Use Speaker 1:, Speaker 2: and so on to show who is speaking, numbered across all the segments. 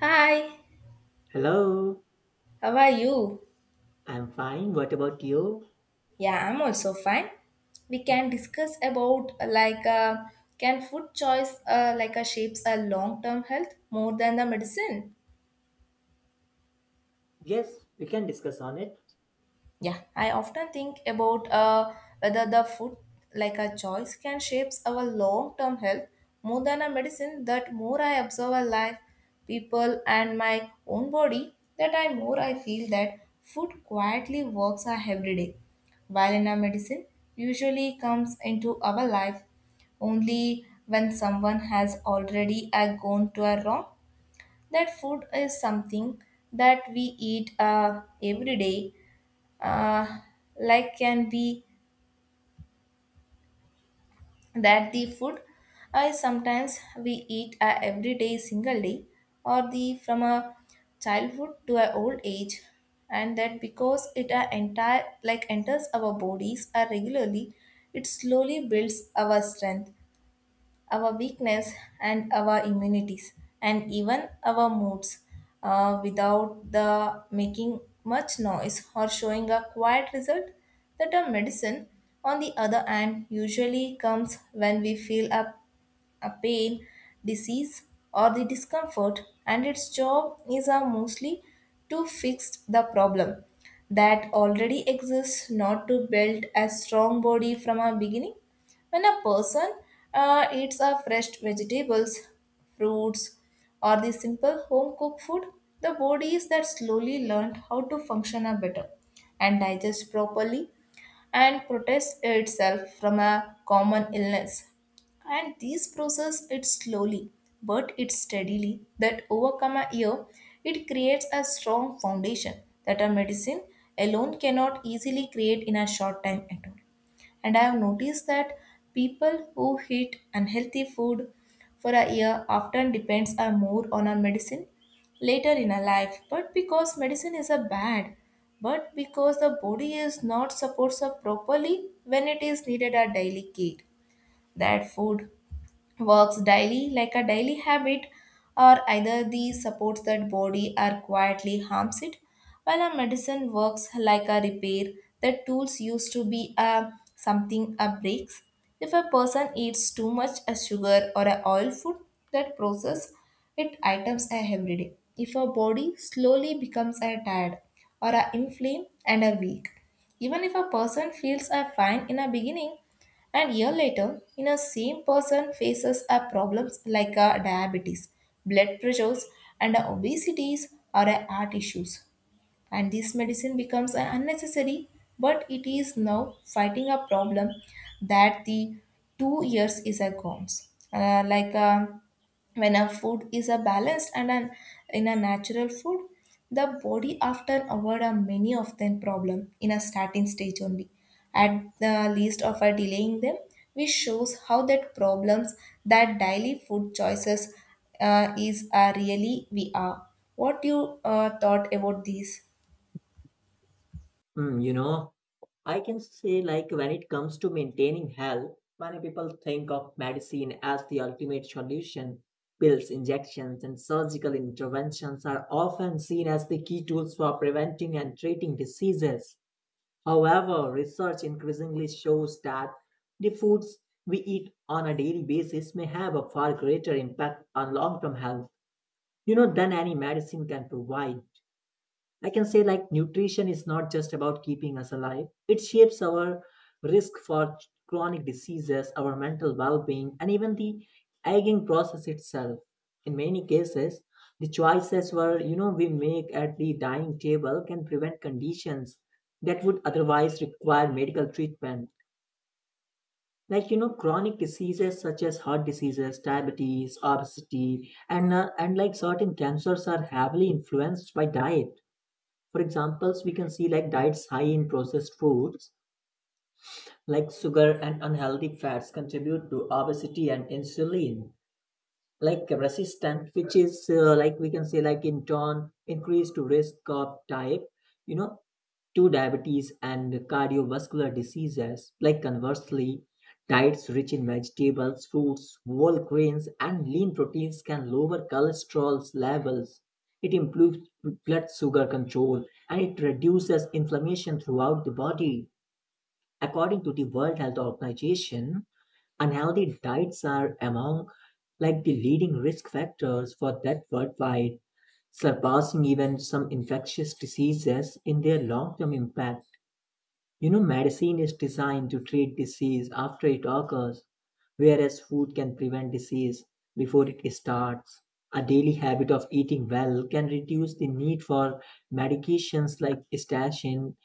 Speaker 1: Hi,
Speaker 2: Hello,
Speaker 1: how are you?
Speaker 2: I'm fine. What about you?
Speaker 1: Yeah, I'm also fine. We can discuss about like can food choice like shapes a long-term health more than the medicine?
Speaker 2: Yes, we can discuss on it.
Speaker 1: Yeah, I often think about whether the food, like a choice, can shapes our long-term health more than a medicine. That more I observe a life, people, and my own body, that I more I feel that food quietly works our every day, while in a medicine usually comes into our life only when someone has already gone to a wrong. That food is something that we eat every day uh, like can be that the food I sometimes we eat every day single day or the from a childhood to a old age, and that because it entire like enters our bodies regularly, it slowly builds our strength, our weakness, and our immunities, and even our moods without the making much noise or showing a quiet result. The term medicine, on the other hand, usually comes when we feel up a pain, disease, or the discomfort, and its job is mostly to fix the problem that already exists, not to build a strong body from a beginning. When a person eats a fresh vegetables, fruits, or the simple home cooked food, the body is that slowly learned how to function a better and digest properly and protects itself from a common illness. And these process it slowly but it steadily that overcome a year, it creates a strong foundation that a medicine alone cannot easily create in a short time at all. And I have noticed that people who eat unhealthy food for a year often depends are more on a medicine later in a life, but because medicine is a bad, but because the body is not supports up properly when it is needed a daily care. That food works daily like a daily habit or either the supports that body or quietly harms it, while a medicine works like a repair the tools used to be a something a breaks. If a person eats too much a sugar or a oil food, that process it items a every day, if a body slowly becomes a tired or a inflamed and a weak, even if a person feels a fine in a beginning, and year later, in a same person faces a problems like a diabetes, blood pressures, and a obesities or a heart issues, and this medicine becomes an unnecessary, but it is now fighting a problem that the 2 years is a gone. Like when a food is a balanced and an, in a natural food, the body often avoid a many of them problem in a starting stage only. At the least of a delaying them, which shows how that problems that daily food choices is really we are. What you thought about this?
Speaker 2: Hmm, I can say like when it comes to maintaining health, many people think of medicine as the ultimate solution. Pills, injections, and surgical interventions are often seen as the key tools for preventing and treating diseases. However, research increasingly shows that the foods we eat on a daily basis may have a far greater impact on long-term health, than any medicine can provide. I can say like nutrition is not just about keeping us alive. It shapes our risk for chronic diseases, our mental well-being, and even the aging process itself. In many cases, the choices were you know we make at the dining table can prevent conditions that would otherwise require medical treatment. Like chronic diseases such as heart diseases, diabetes, obesity, and like certain cancers are heavily influenced by diet. For examples, we can see, like diets high in processed foods like sugar and unhealthy fats contribute to obesity and insulin like resistant, which is like we can say like in turn increased risk of type, you know, two diabetes and cardiovascular diseases. Like, conversely, diets rich in vegetables, fruits, whole grains, and lean proteins can lower cholesterol levels. It improves blood sugar control and it reduces inflammation throughout the body. According to the World Health Organization, unhealthy diets are among like the leading risk factors for death worldwide, surpassing even some infectious diseases in their long-term impact. You know, medicine is designed to treat disease after it occurs, whereas food can prevent disease before it starts. A daily habit of eating well can reduce the need for medications like statin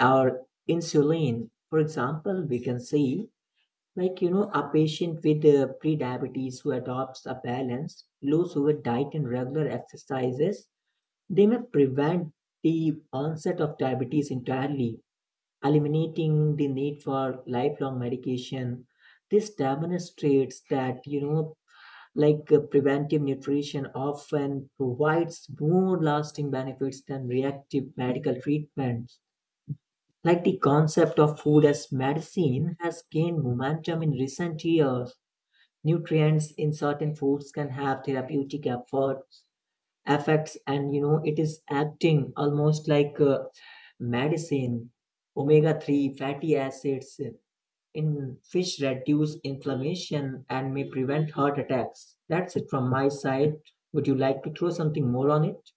Speaker 2: or insulin. For example, we can see, like, a patient with prediabetes who adopts a balanced, low sugar diet and regular exercises, they may prevent the onset of diabetes entirely, eliminating the need for lifelong medication. This demonstrates that, preventive nutrition often provides more lasting benefits than reactive medical treatments. Like the concept of food as medicine has gained momentum in recent years. Nutrients in certain foods can have therapeutic effects affects, and it is acting almost like medicine. Omega-3 fatty acids in fish reduce inflammation and may prevent heart attacks. That's it from my side. Would you like to throw something more on it?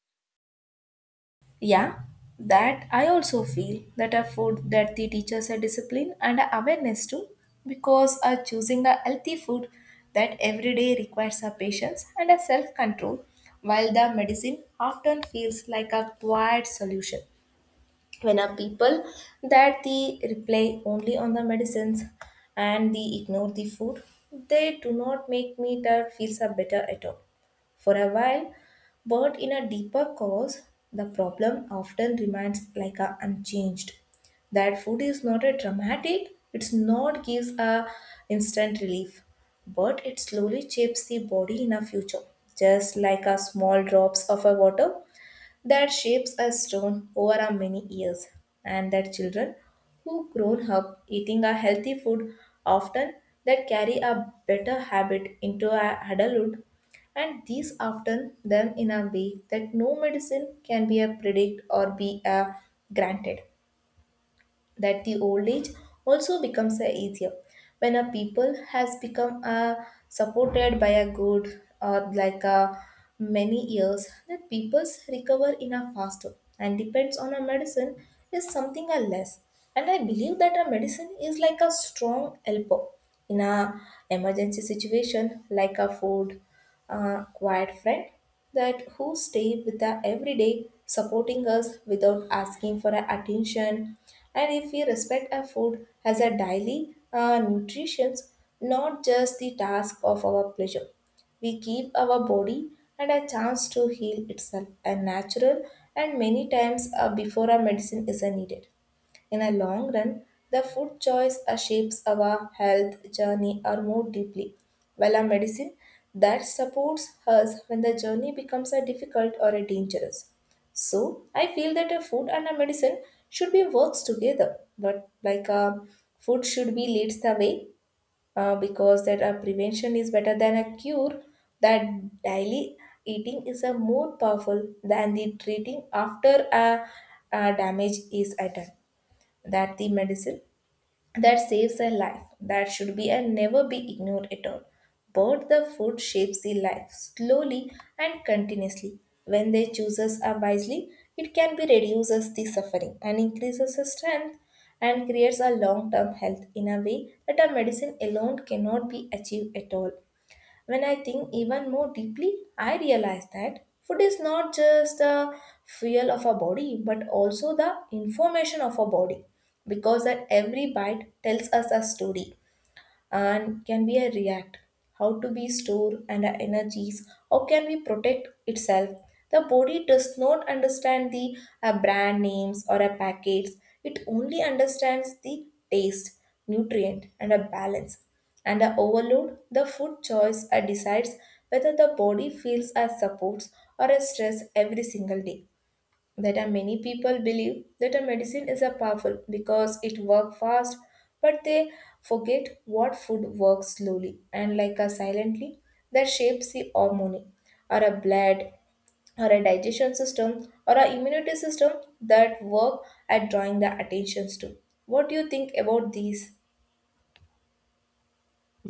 Speaker 1: Yeah, that I also feel that a food that the teachers a discipline and a awareness too, because choosing a healthy food that every day requires a patience and a self control, while the medicine often feels like a quiet solution. When a people that they rely only on the medicines and they ignore the food, they do not make meat or feels are better at all for a while, but in a deeper cause the problem often remains like a unchanged. That food is not a dramatic, it's not gives a instant relief, but it slowly shapes the body in a future, just like a small drops of a water that shapes us stone over our many years, and that children who grown up eating a healthy food often that carry a better habit into our adulthood, and these often them in a way that no medicine can be a predict or be a granted. That the old age also becomes a easier when a people has become supported by a good or like a many years that people's recover in a faster and depends on a medicine is something a less. And I believe that a medicine is like a strong helper in a emergency situation, like a food, a quiet friend that who stay with us every day, supporting us without asking for our attention. And if we respect our food as a daily nutrition, not just the task of our pleasure, we give our body and a chance to heal itself and natural and many times before our medicine is needed. In a long run, the food choice shapes our health journey or more deeply, while a medicine that supports us when the journey becomes a difficult or a dangerous. So I feel that a food and a medicine should be works together, but like a food should be leads the way, because that a prevention is better than a cure. That daily eating is a more powerful than the treating after a damage is at hand. That the medicine that saves a life, that should be and never be ignored at all, but the food shapes the life slowly and continuously. When they chooses are wisely, it can be reduces the suffering and increases the strength and creates a long term health in a way that a medicine alone cannot be achieved at all. When I think even more deeply, I realize that food is not just the fuel of our body but also the information of our body, because that every bite tells us a story and can we react how to we store and our energies, how can we protect itself. The body does not understand the brand names or a packets, it only understands the taste, nutrient and a balance and a overload. The food choice decides whether the body feels a supports or a stress every single day. That are many people believe that a medicine is a powerful because it works fast, but they forget what food works slowly and like a silently, that shapes the hormone or a blood or a digestion system or a immunity system, that work at drawing the attentions to. What do you think about these?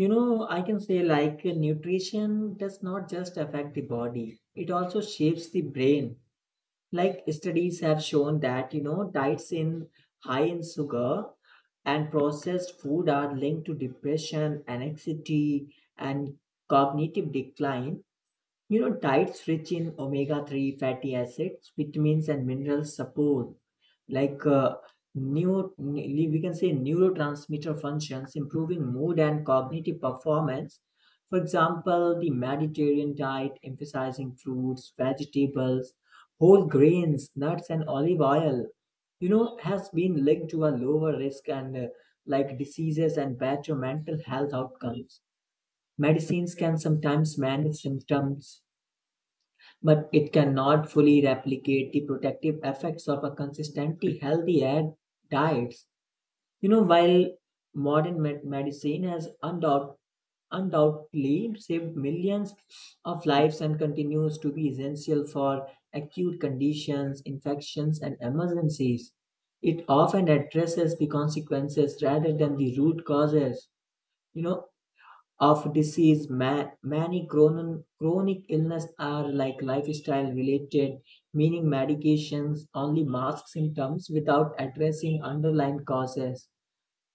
Speaker 2: I can say like nutrition does not just affect the body, it also shapes the brain. Like studies have shown that diets in high in sugar and processed food are linked to depression, anxiety, and cognitive decline. You know, diets rich in omega 3 fatty acids, vitamins, and minerals support, like we can say neurotransmitter functions, improving mood and cognitive performance. For example, the Mediterranean diet emphasizing fruits, vegetables, whole grains, nuts, and olive oil, has been linked to a lower risk and like diseases and better mental health outcomes. Medicines can sometimes manage symptoms, but it cannot fully replicate the protective effects of a consistently healthy air diets. You know, while modern medicine has undoubtedly saved millions of lives and continues to be essential for acute conditions, infections, and emergencies, it often addresses the consequences rather than the root causes, you know, of disease. Many chronic illness are like lifestyle related, meaning medications only mask symptoms without addressing underlying causes.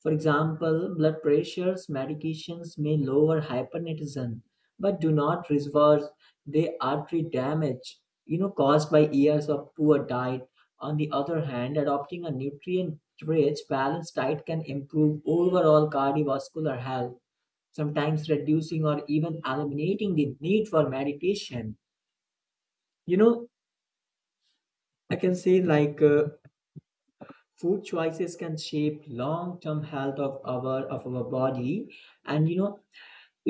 Speaker 2: For example, blood pressures medications may lower hypertension but do not reverse the artery damage, caused by years of poor diet. On the other hand, adopting a nutrient rich balanced diet can improve overall cardiovascular health, sometimes reducing or even eliminating the need for meditation. You know, I can say like food choices can shape long-term health of our body, and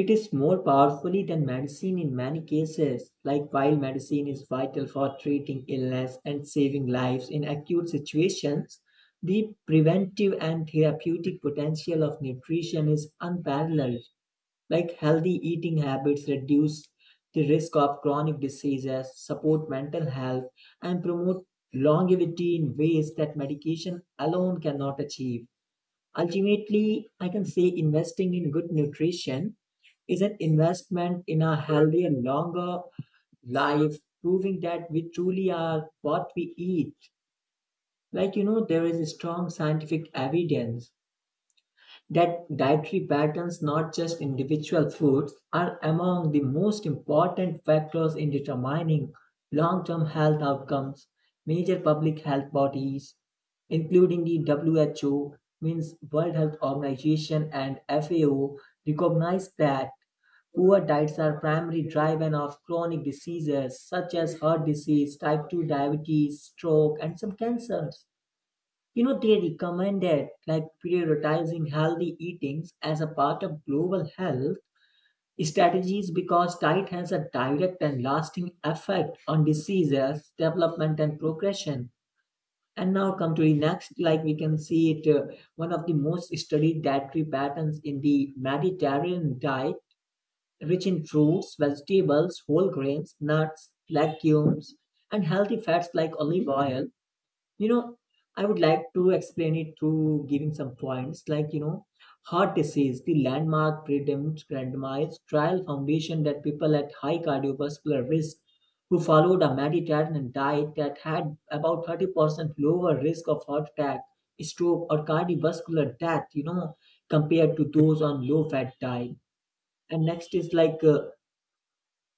Speaker 2: it is more powerfully than medicine in many cases. Like, while medicine is vital for treating illness and saving lives in acute situations, the preventive and therapeutic potential of nutrition is unparalleled. Like healthy eating habits reduce the risk of chronic diseases, support mental health, and promote longevity in ways that medication alone cannot achieve. Ultimately, I can say investing in good nutrition is an investment in a healthier, longer life, proving that we truly are what we eat. Like, there is strong scientific evidence that dietary patterns, not just individual foods, are among the most important factors in determining long term health outcomes. Major public health bodies, including the WHO, means World Health Organization and FAO, recognize that poor diets are primary driver of chronic diseases such as heart disease, type 2 diabetes, stroke, and some cancers. You know, they recommended like prioritizing healthy eatings as a part of global health strategies because diet has a direct and lasting effect on diseases, development, and progression. And now come to the next, like we can see it, one of the most studied dietary patterns in the Mediterranean diet, rich in fruits, vegetables, whole grains, nuts, legumes, and healthy fats like olive oil. you know I would like to explain it through giving some points, like heart disease. The landmark predetermined randomized trial foundation that people at high cardiovascular risk who followed a mediterranean diet that had about 30% lower risk of heart attack, stroke, or cardiovascular death, compared to those on low fat diet. And next is like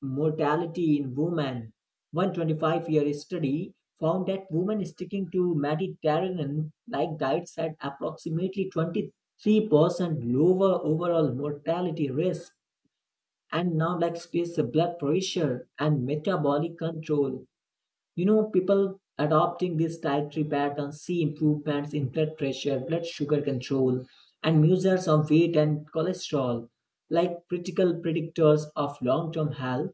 Speaker 2: Mortality in women. 125-year study found that women sticking to Mediterranean-like diets had approximately 23% lower overall mortality risk. And now, like stress, blood pressure, and metabolic control. You know, people adopting this dietary pattern see improvements in blood pressure, blood sugar control, and measures of weight and cholesterol, like critical predictors of long-term health.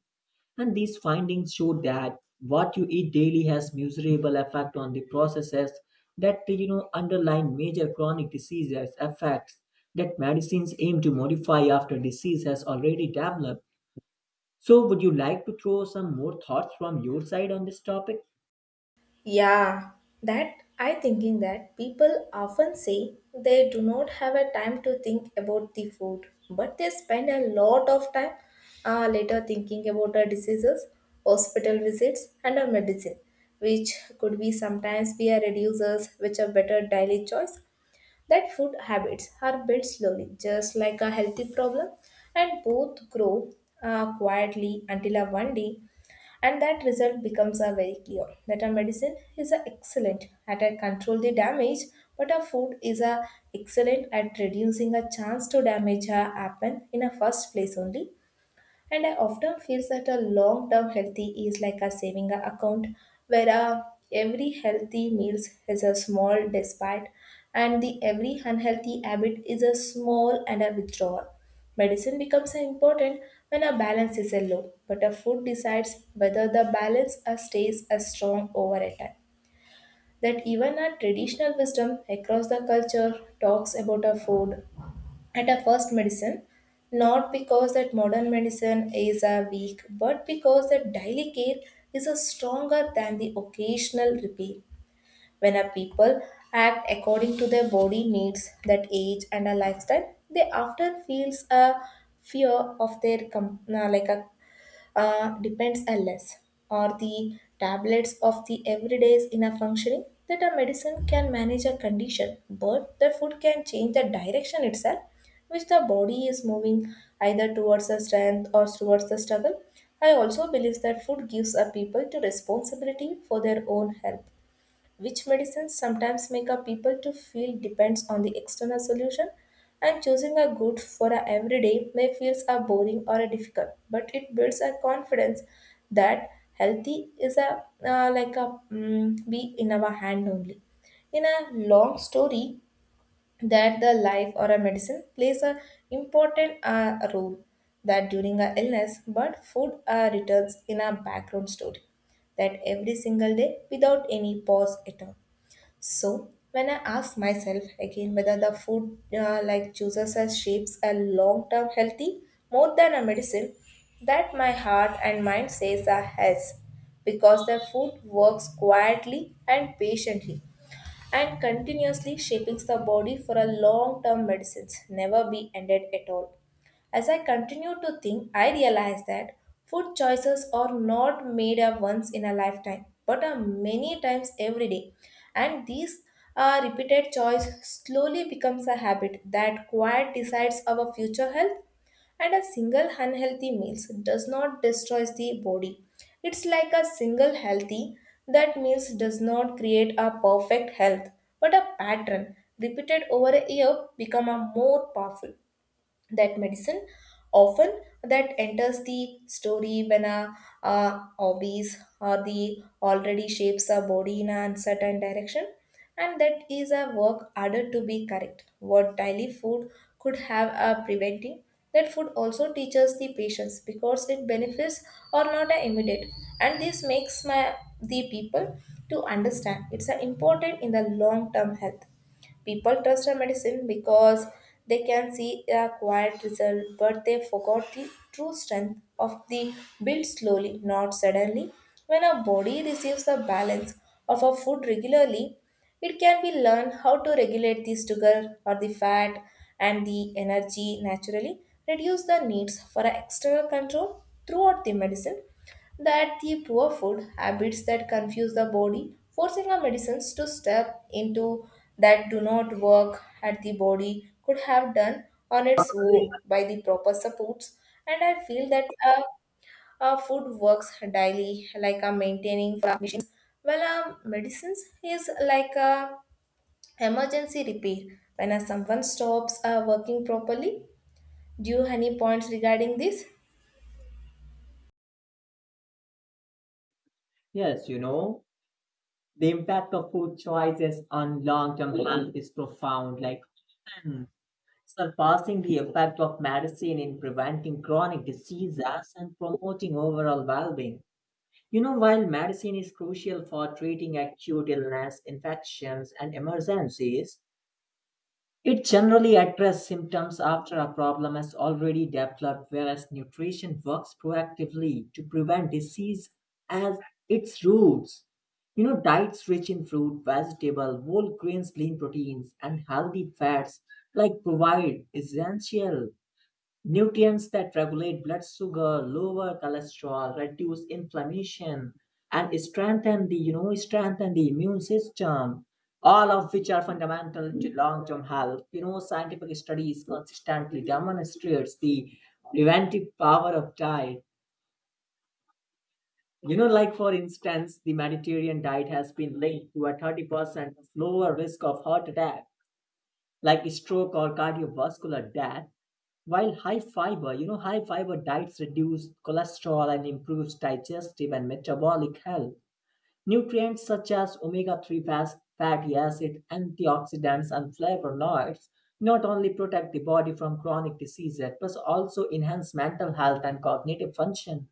Speaker 2: And these findings show that what you eat daily has measurable effect on the processes that underline major chronic diseases effects that medicines aim to modify after disease has already developed. So would you like to throw some more thoughts from your side on this topic?
Speaker 1: Yeah, that I thinking that people often say they do not have a time to think about the food, but they spend a lot of time later thinking about the diseases, hospital visits, and a medicine, which could be sometimes be a reducers, which are better daily choice. That food habits are built slowly, just like a healthy problem, and both grow quietly until a one day, and that result becomes a very clear that a medicine is a excellent at a control the damage, but a food is a excellent at reducing a chance to damage a happen in a first place only. And I often feel that a long term healthy is like a saving account where every healthy meal has a small despite and the every unhealthy habit is a small and a withdrawal. Medicine becomes important when a balance is a low, but a food decides whether the balance stays as strong over a time. That even our traditional wisdom across the culture talks about a food at a first medicine, not because that modern medicine is a weak but because that daily care is a stronger than the occasional repair. When a people act according to their body needs that age and a lifestyle, they often feels a fear of their like a depends a less or the tablets of the everydays in a functioning. That a medicine can manage a condition, but the food can change the direction itself which the body is moving, either towards the strength or towards the struggle. I also believe that food gives a people to responsibility for their own health, which medicines sometimes make a people to feel depends on the external solution, and choosing a good for a everyday may feels a boring or a difficult, but it builds a confidence that healthy is a like a be in our hand only. In a long story, that the life or a medicine plays a important role that during a illness, but food returns in a background story that every single day without any pause at all. So when I ask myself again whether the food like chooses us shapes a long term healthy more than a medicine, that my heart and mind says a yes, because the food works quietly and patiently and continuously shaping the body for a long term medicines never be ended at all. As I continued to think, I realized that food choices are not made a once in a lifetime, but are many times every day. And these repeated choice slowly becomes a habit that quite decides our future health. And a single unhealthy meal does not destroy the body. It's like a single healthy that meals does not create a perfect health, but a pattern repeated over a year become a more powerful that medicine often that enters the story when a obese or the already shapes a body in an uncertain direction, and that is a work harder to be correct what daily food could have a preventing. That food also teaches the patients because it benefits or not a immediate, and this makes my the people to understand it's a important in the long term health. People trust a medicine because they can see a quiet result, but they forgot the true strength of the build slowly, not suddenly. When a body receives the balance of a food regularly, it can be learned how to regulate the sugar or the fat and the energy naturally, reduce the needs for a external control throughout the medicine that the poor food habits that confuse the body, forcing our medicines to step into that do not work at the body could have done on its own by the proper supports. And I feel that our food works daily, like a maintaining for our machines, while our medicines is like a emergency repair when someone stops working properly. Do you have any points regarding this?
Speaker 2: Yes, you know, the impact of food choices on long-term health is profound, like surpassing the effect of medicine in preventing chronic diseases and promoting overall well being. You know, while medicine is crucial for treating acute illness, infections, and emergencies, it generally addresses symptoms after a problem has already developed, whereas nutrition works proactively to prevent disease at its roots. You know, diets rich in fruit, vegetable, whole grains, lean proteins, and healthy fats like provide essential nutrients that regulate blood sugar, lower cholesterol, reduce inflammation, and strengthen the immune system. All of which are fundamental to long-term health. You know, scientific studies consistently demonstrates the preventive power of diet. You know, like for instance, the Mediterranean diet has been linked to a 30% lower risk of heart attack, like stroke or cardiovascular death, while high fiber diets reduce cholesterol and improves digestive and metabolic health. Nutrients such as omega-3 fatty acid, antioxidants, and flavonoids not only protect the body from chronic diseases, but also enhance mental health and cognitive function,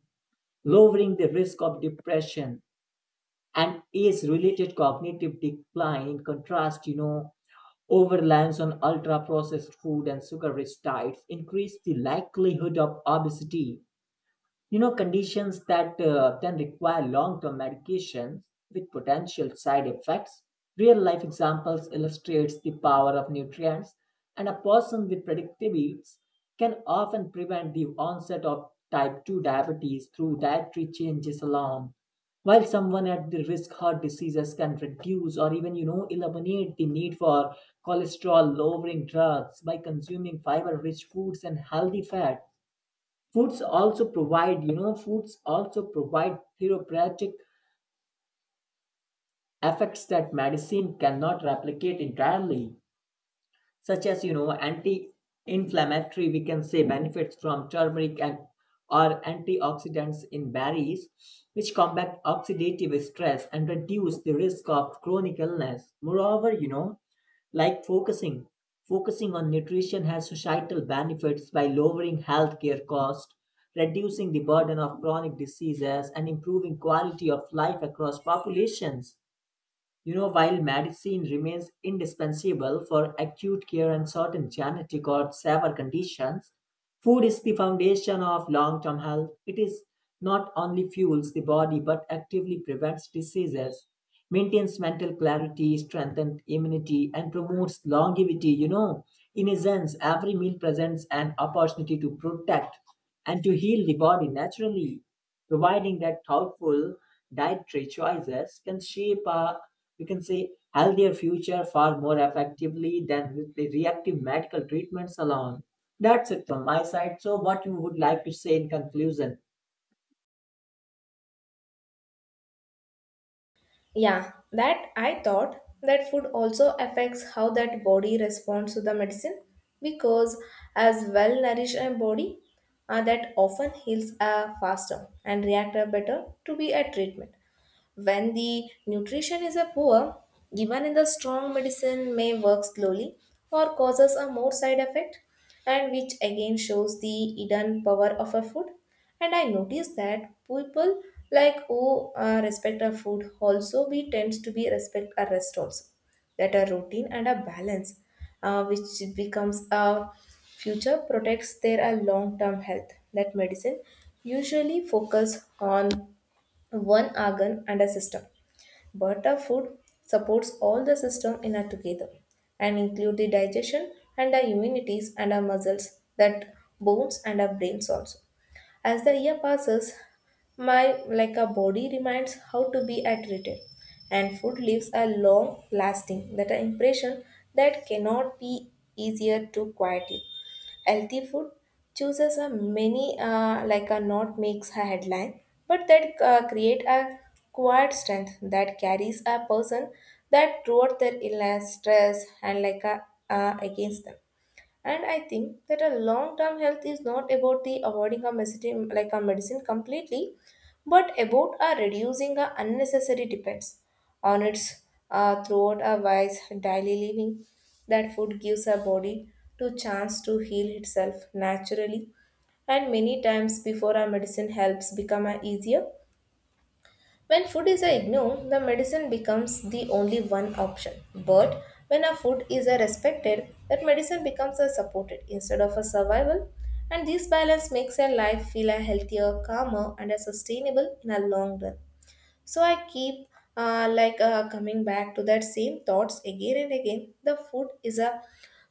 Speaker 2: lowering the risk of depression and age related cognitive decline. In contrast, overreliance on ultra processed food and sugar rich diets increase the likelihood of obesity, conditions that can require long-term medications with potential side effects. Real-life examples illustrates the power of nutrients, and a person with predictabes can often prevent the onset of type 2 diabetes through dietary changes alone, while someone at the risk heart diseases can reduce or even eliminate the need for cholesterol lowering drugs by consuming fiber rich foods and healthy fat. Foods also provide therapeutic effects that medicine cannot replicate entirely, such as anti-inflammatory, we can say, benefits from turmeric and or antioxidants in berries, which combat oxidative stress and reduce the risk of chronic illness. Moreover, like focusing on nutrition has societal benefits by lowering healthcare costs, reducing the burden of chronic diseases, and improving quality of life across populations. You know, while medicine remains indispensable for acute care and certain genetic or severe conditions, food is the foundation of long term health. It is not only fuels the body, but actively prevents diseases, maintains mental clarity, strengthens immunity, and promotes longevity. You know, in a sense, every meal presents an opportunity to protect and to heal the body naturally, providing that thoughtful dietary choices can shape a, we can say, healthier future far more effectively than with the reactive medical treatments alone. That's it from my side. So, what you would like to say in conclusion?
Speaker 1: Yeah, that I thought that food also affects how that body responds to the medicine, because as well nourished a body that often heals faster and react better to be a treatment. When the nutrition is a poor, even in the strong medicine may work slowly or causes a more side effect, and which again shows the hidden power of a food. And I noticed that people like who respect a food also be tends to be respect a rest also, that a routine and a balance, which becomes a future protects their long-term health. That medicine usually focus on one organ and a system. But our food supports all the system in a together, and include the digestion and our immunities and our muscles that bones and our brains also. As the year passes, my like a body reminds how to be at retail, and food leaves a long lasting that an impression that cannot be easier to quietly. Healthy food chooses a many like a not makes a headline, but that create a quiet strength that carries a person that throughout their illness, stress, and like a against them. And I think that a long term health is not about the avoiding a medicine like a medicine completely, but about a reducing a unnecessary depends on its throughout a wise daily living, that food gives our body to chance to heal itself naturally and many times before our medicine helps become a easier. When food is a ignored, the medicine becomes the only one option. But when a food is a respected, that medicine becomes a supported instead of a survival. And this balance makes a life feel a healthier, calmer, and a sustainable in a long run. So I keep coming back to that same thoughts again and again. The food is a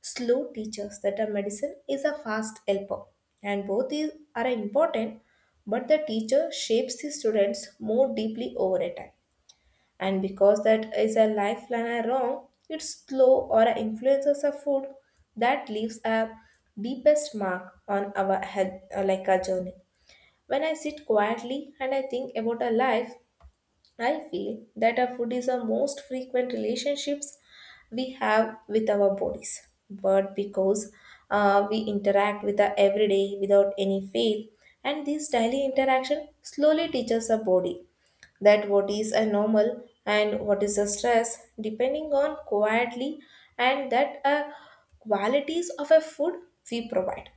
Speaker 1: slow teacher, that a medicine is a fast helper, and both are important. But the teacher shapes the students more deeply over a time, and because that is a lifeline are wrong, it's slow or influences a food that leaves a deepest mark on our head, like a journey. When I sit quietly and I think about a life, I feel that our food is the most frequent relationships we have with our bodies. But because we interact with our everyday without any fail, and this daily interaction slowly teaches our body that what is a normal and what is a stress, depending on quietly and that qualities of a food we provide.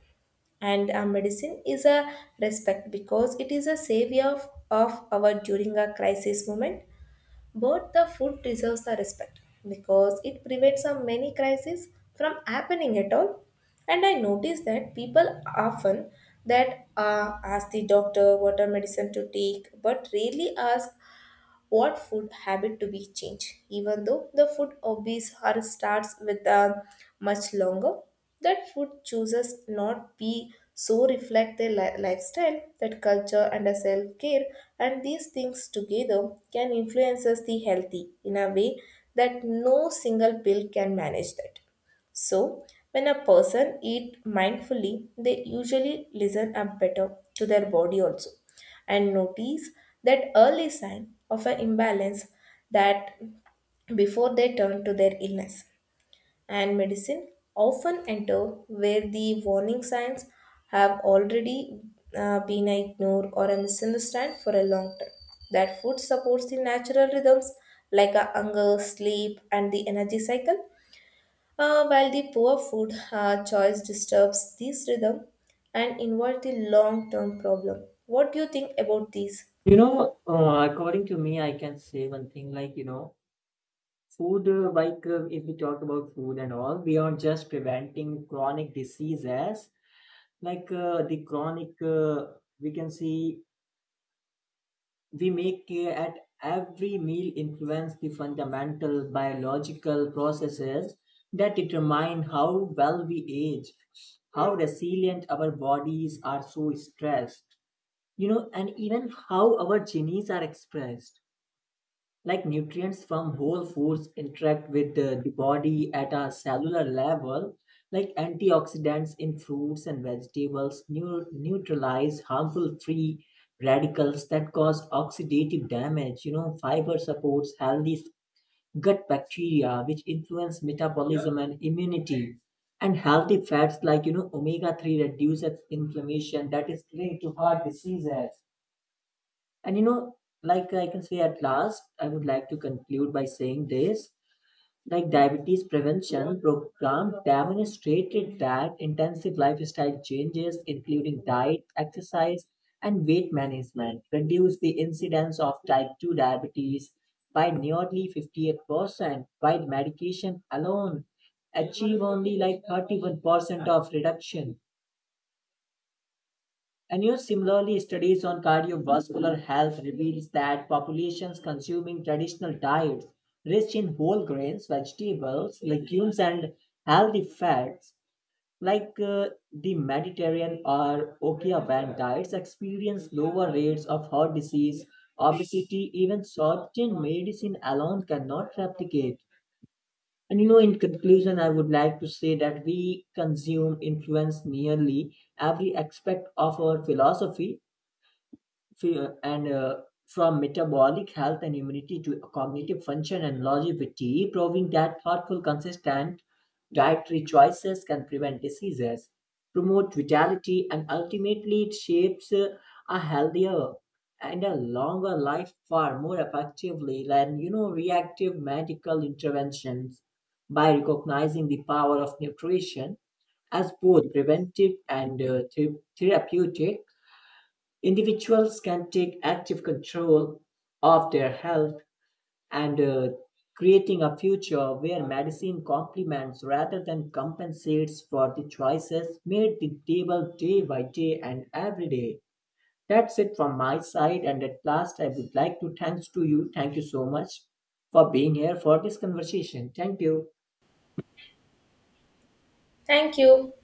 Speaker 1: And medicine is a respect because it is a savior of our during a crisis moment, but the food deserves the respect because it prevents a many crises from happening at all. And I notice that people often that ask the doctor what a medicine to take, but rarely ask what food habit to be changed. Even though the food obese or starts with a much longer, that food chooses not be so reflect their lifestyle, that culture and a self-care, and these things together can influences the healthy in a way that no single pill can manage that. So, when a person eat mindfully, they usually listen up better to their body also and notice that early sign of an imbalance that before they turn to their illness. And medicine often enter where the warning signs have already been ignored or a misunderstood for a long time. That food supports the natural rhythms like a hunger, sleep, and the energy cycle, while the poor food choice disturbs this rhythm and involves the long term problem. What do you think about this?
Speaker 2: You know, according to me, I can say one thing like, food, if we talk about food and all, beyond just preventing chronic diseases, like the chronic, we can see we make at every meal influence the fundamental biological processes that determine how well we age, how resilient our bodies are so stressed, you know, and even how our genes are expressed. Like nutrients from whole foods interact with the body at a cellular level. Like antioxidants in fruits and vegetables neutralize harmful free radicals that cause oxidative damage. You know, fiber supports healthy gut bacteria which influence metabolism and immunity, and healthy fats like omega 3 reduces inflammation that is linked to heart diseases. And like I can say at last, I would like to conclude by saying this. Like diabetes prevention program demonstrated that intensive lifestyle changes, including diet, exercise, and weight management, reduce the incidence of type 2 diabetes by nearly 58%, while medication alone achieve only like 31% of reduction. And you know, similarly, studies on cardiovascular health reveals that populations consuming traditional diets rich in whole grains, vegetables, legumes, and healthy fats, like the Mediterranean or Okavan diets, experience lower rates of heart disease, obesity, even certain medicine alone cannot replicate. And you know, in conclusion, I would like to say that we consume influence nearly every aspect of our philosophy, and from metabolic health and immunity to cognitive function and longevity, proving that thoughtful, consistent dietary choices can prevent diseases, promote vitality, and ultimately it shapes a healthier and a longer life far more effectively than reactive medical interventions. By recognizing the power of nutrition as both preventive and therapeutic, individuals can take active control of their health and creating a future where medicine complements rather than compensates for the choices made the table day by day and every day. That's it from my side, and at last, I would like to thanks to you. Thank you so much for being here for this conversation. Thank you.
Speaker 1: Thank you.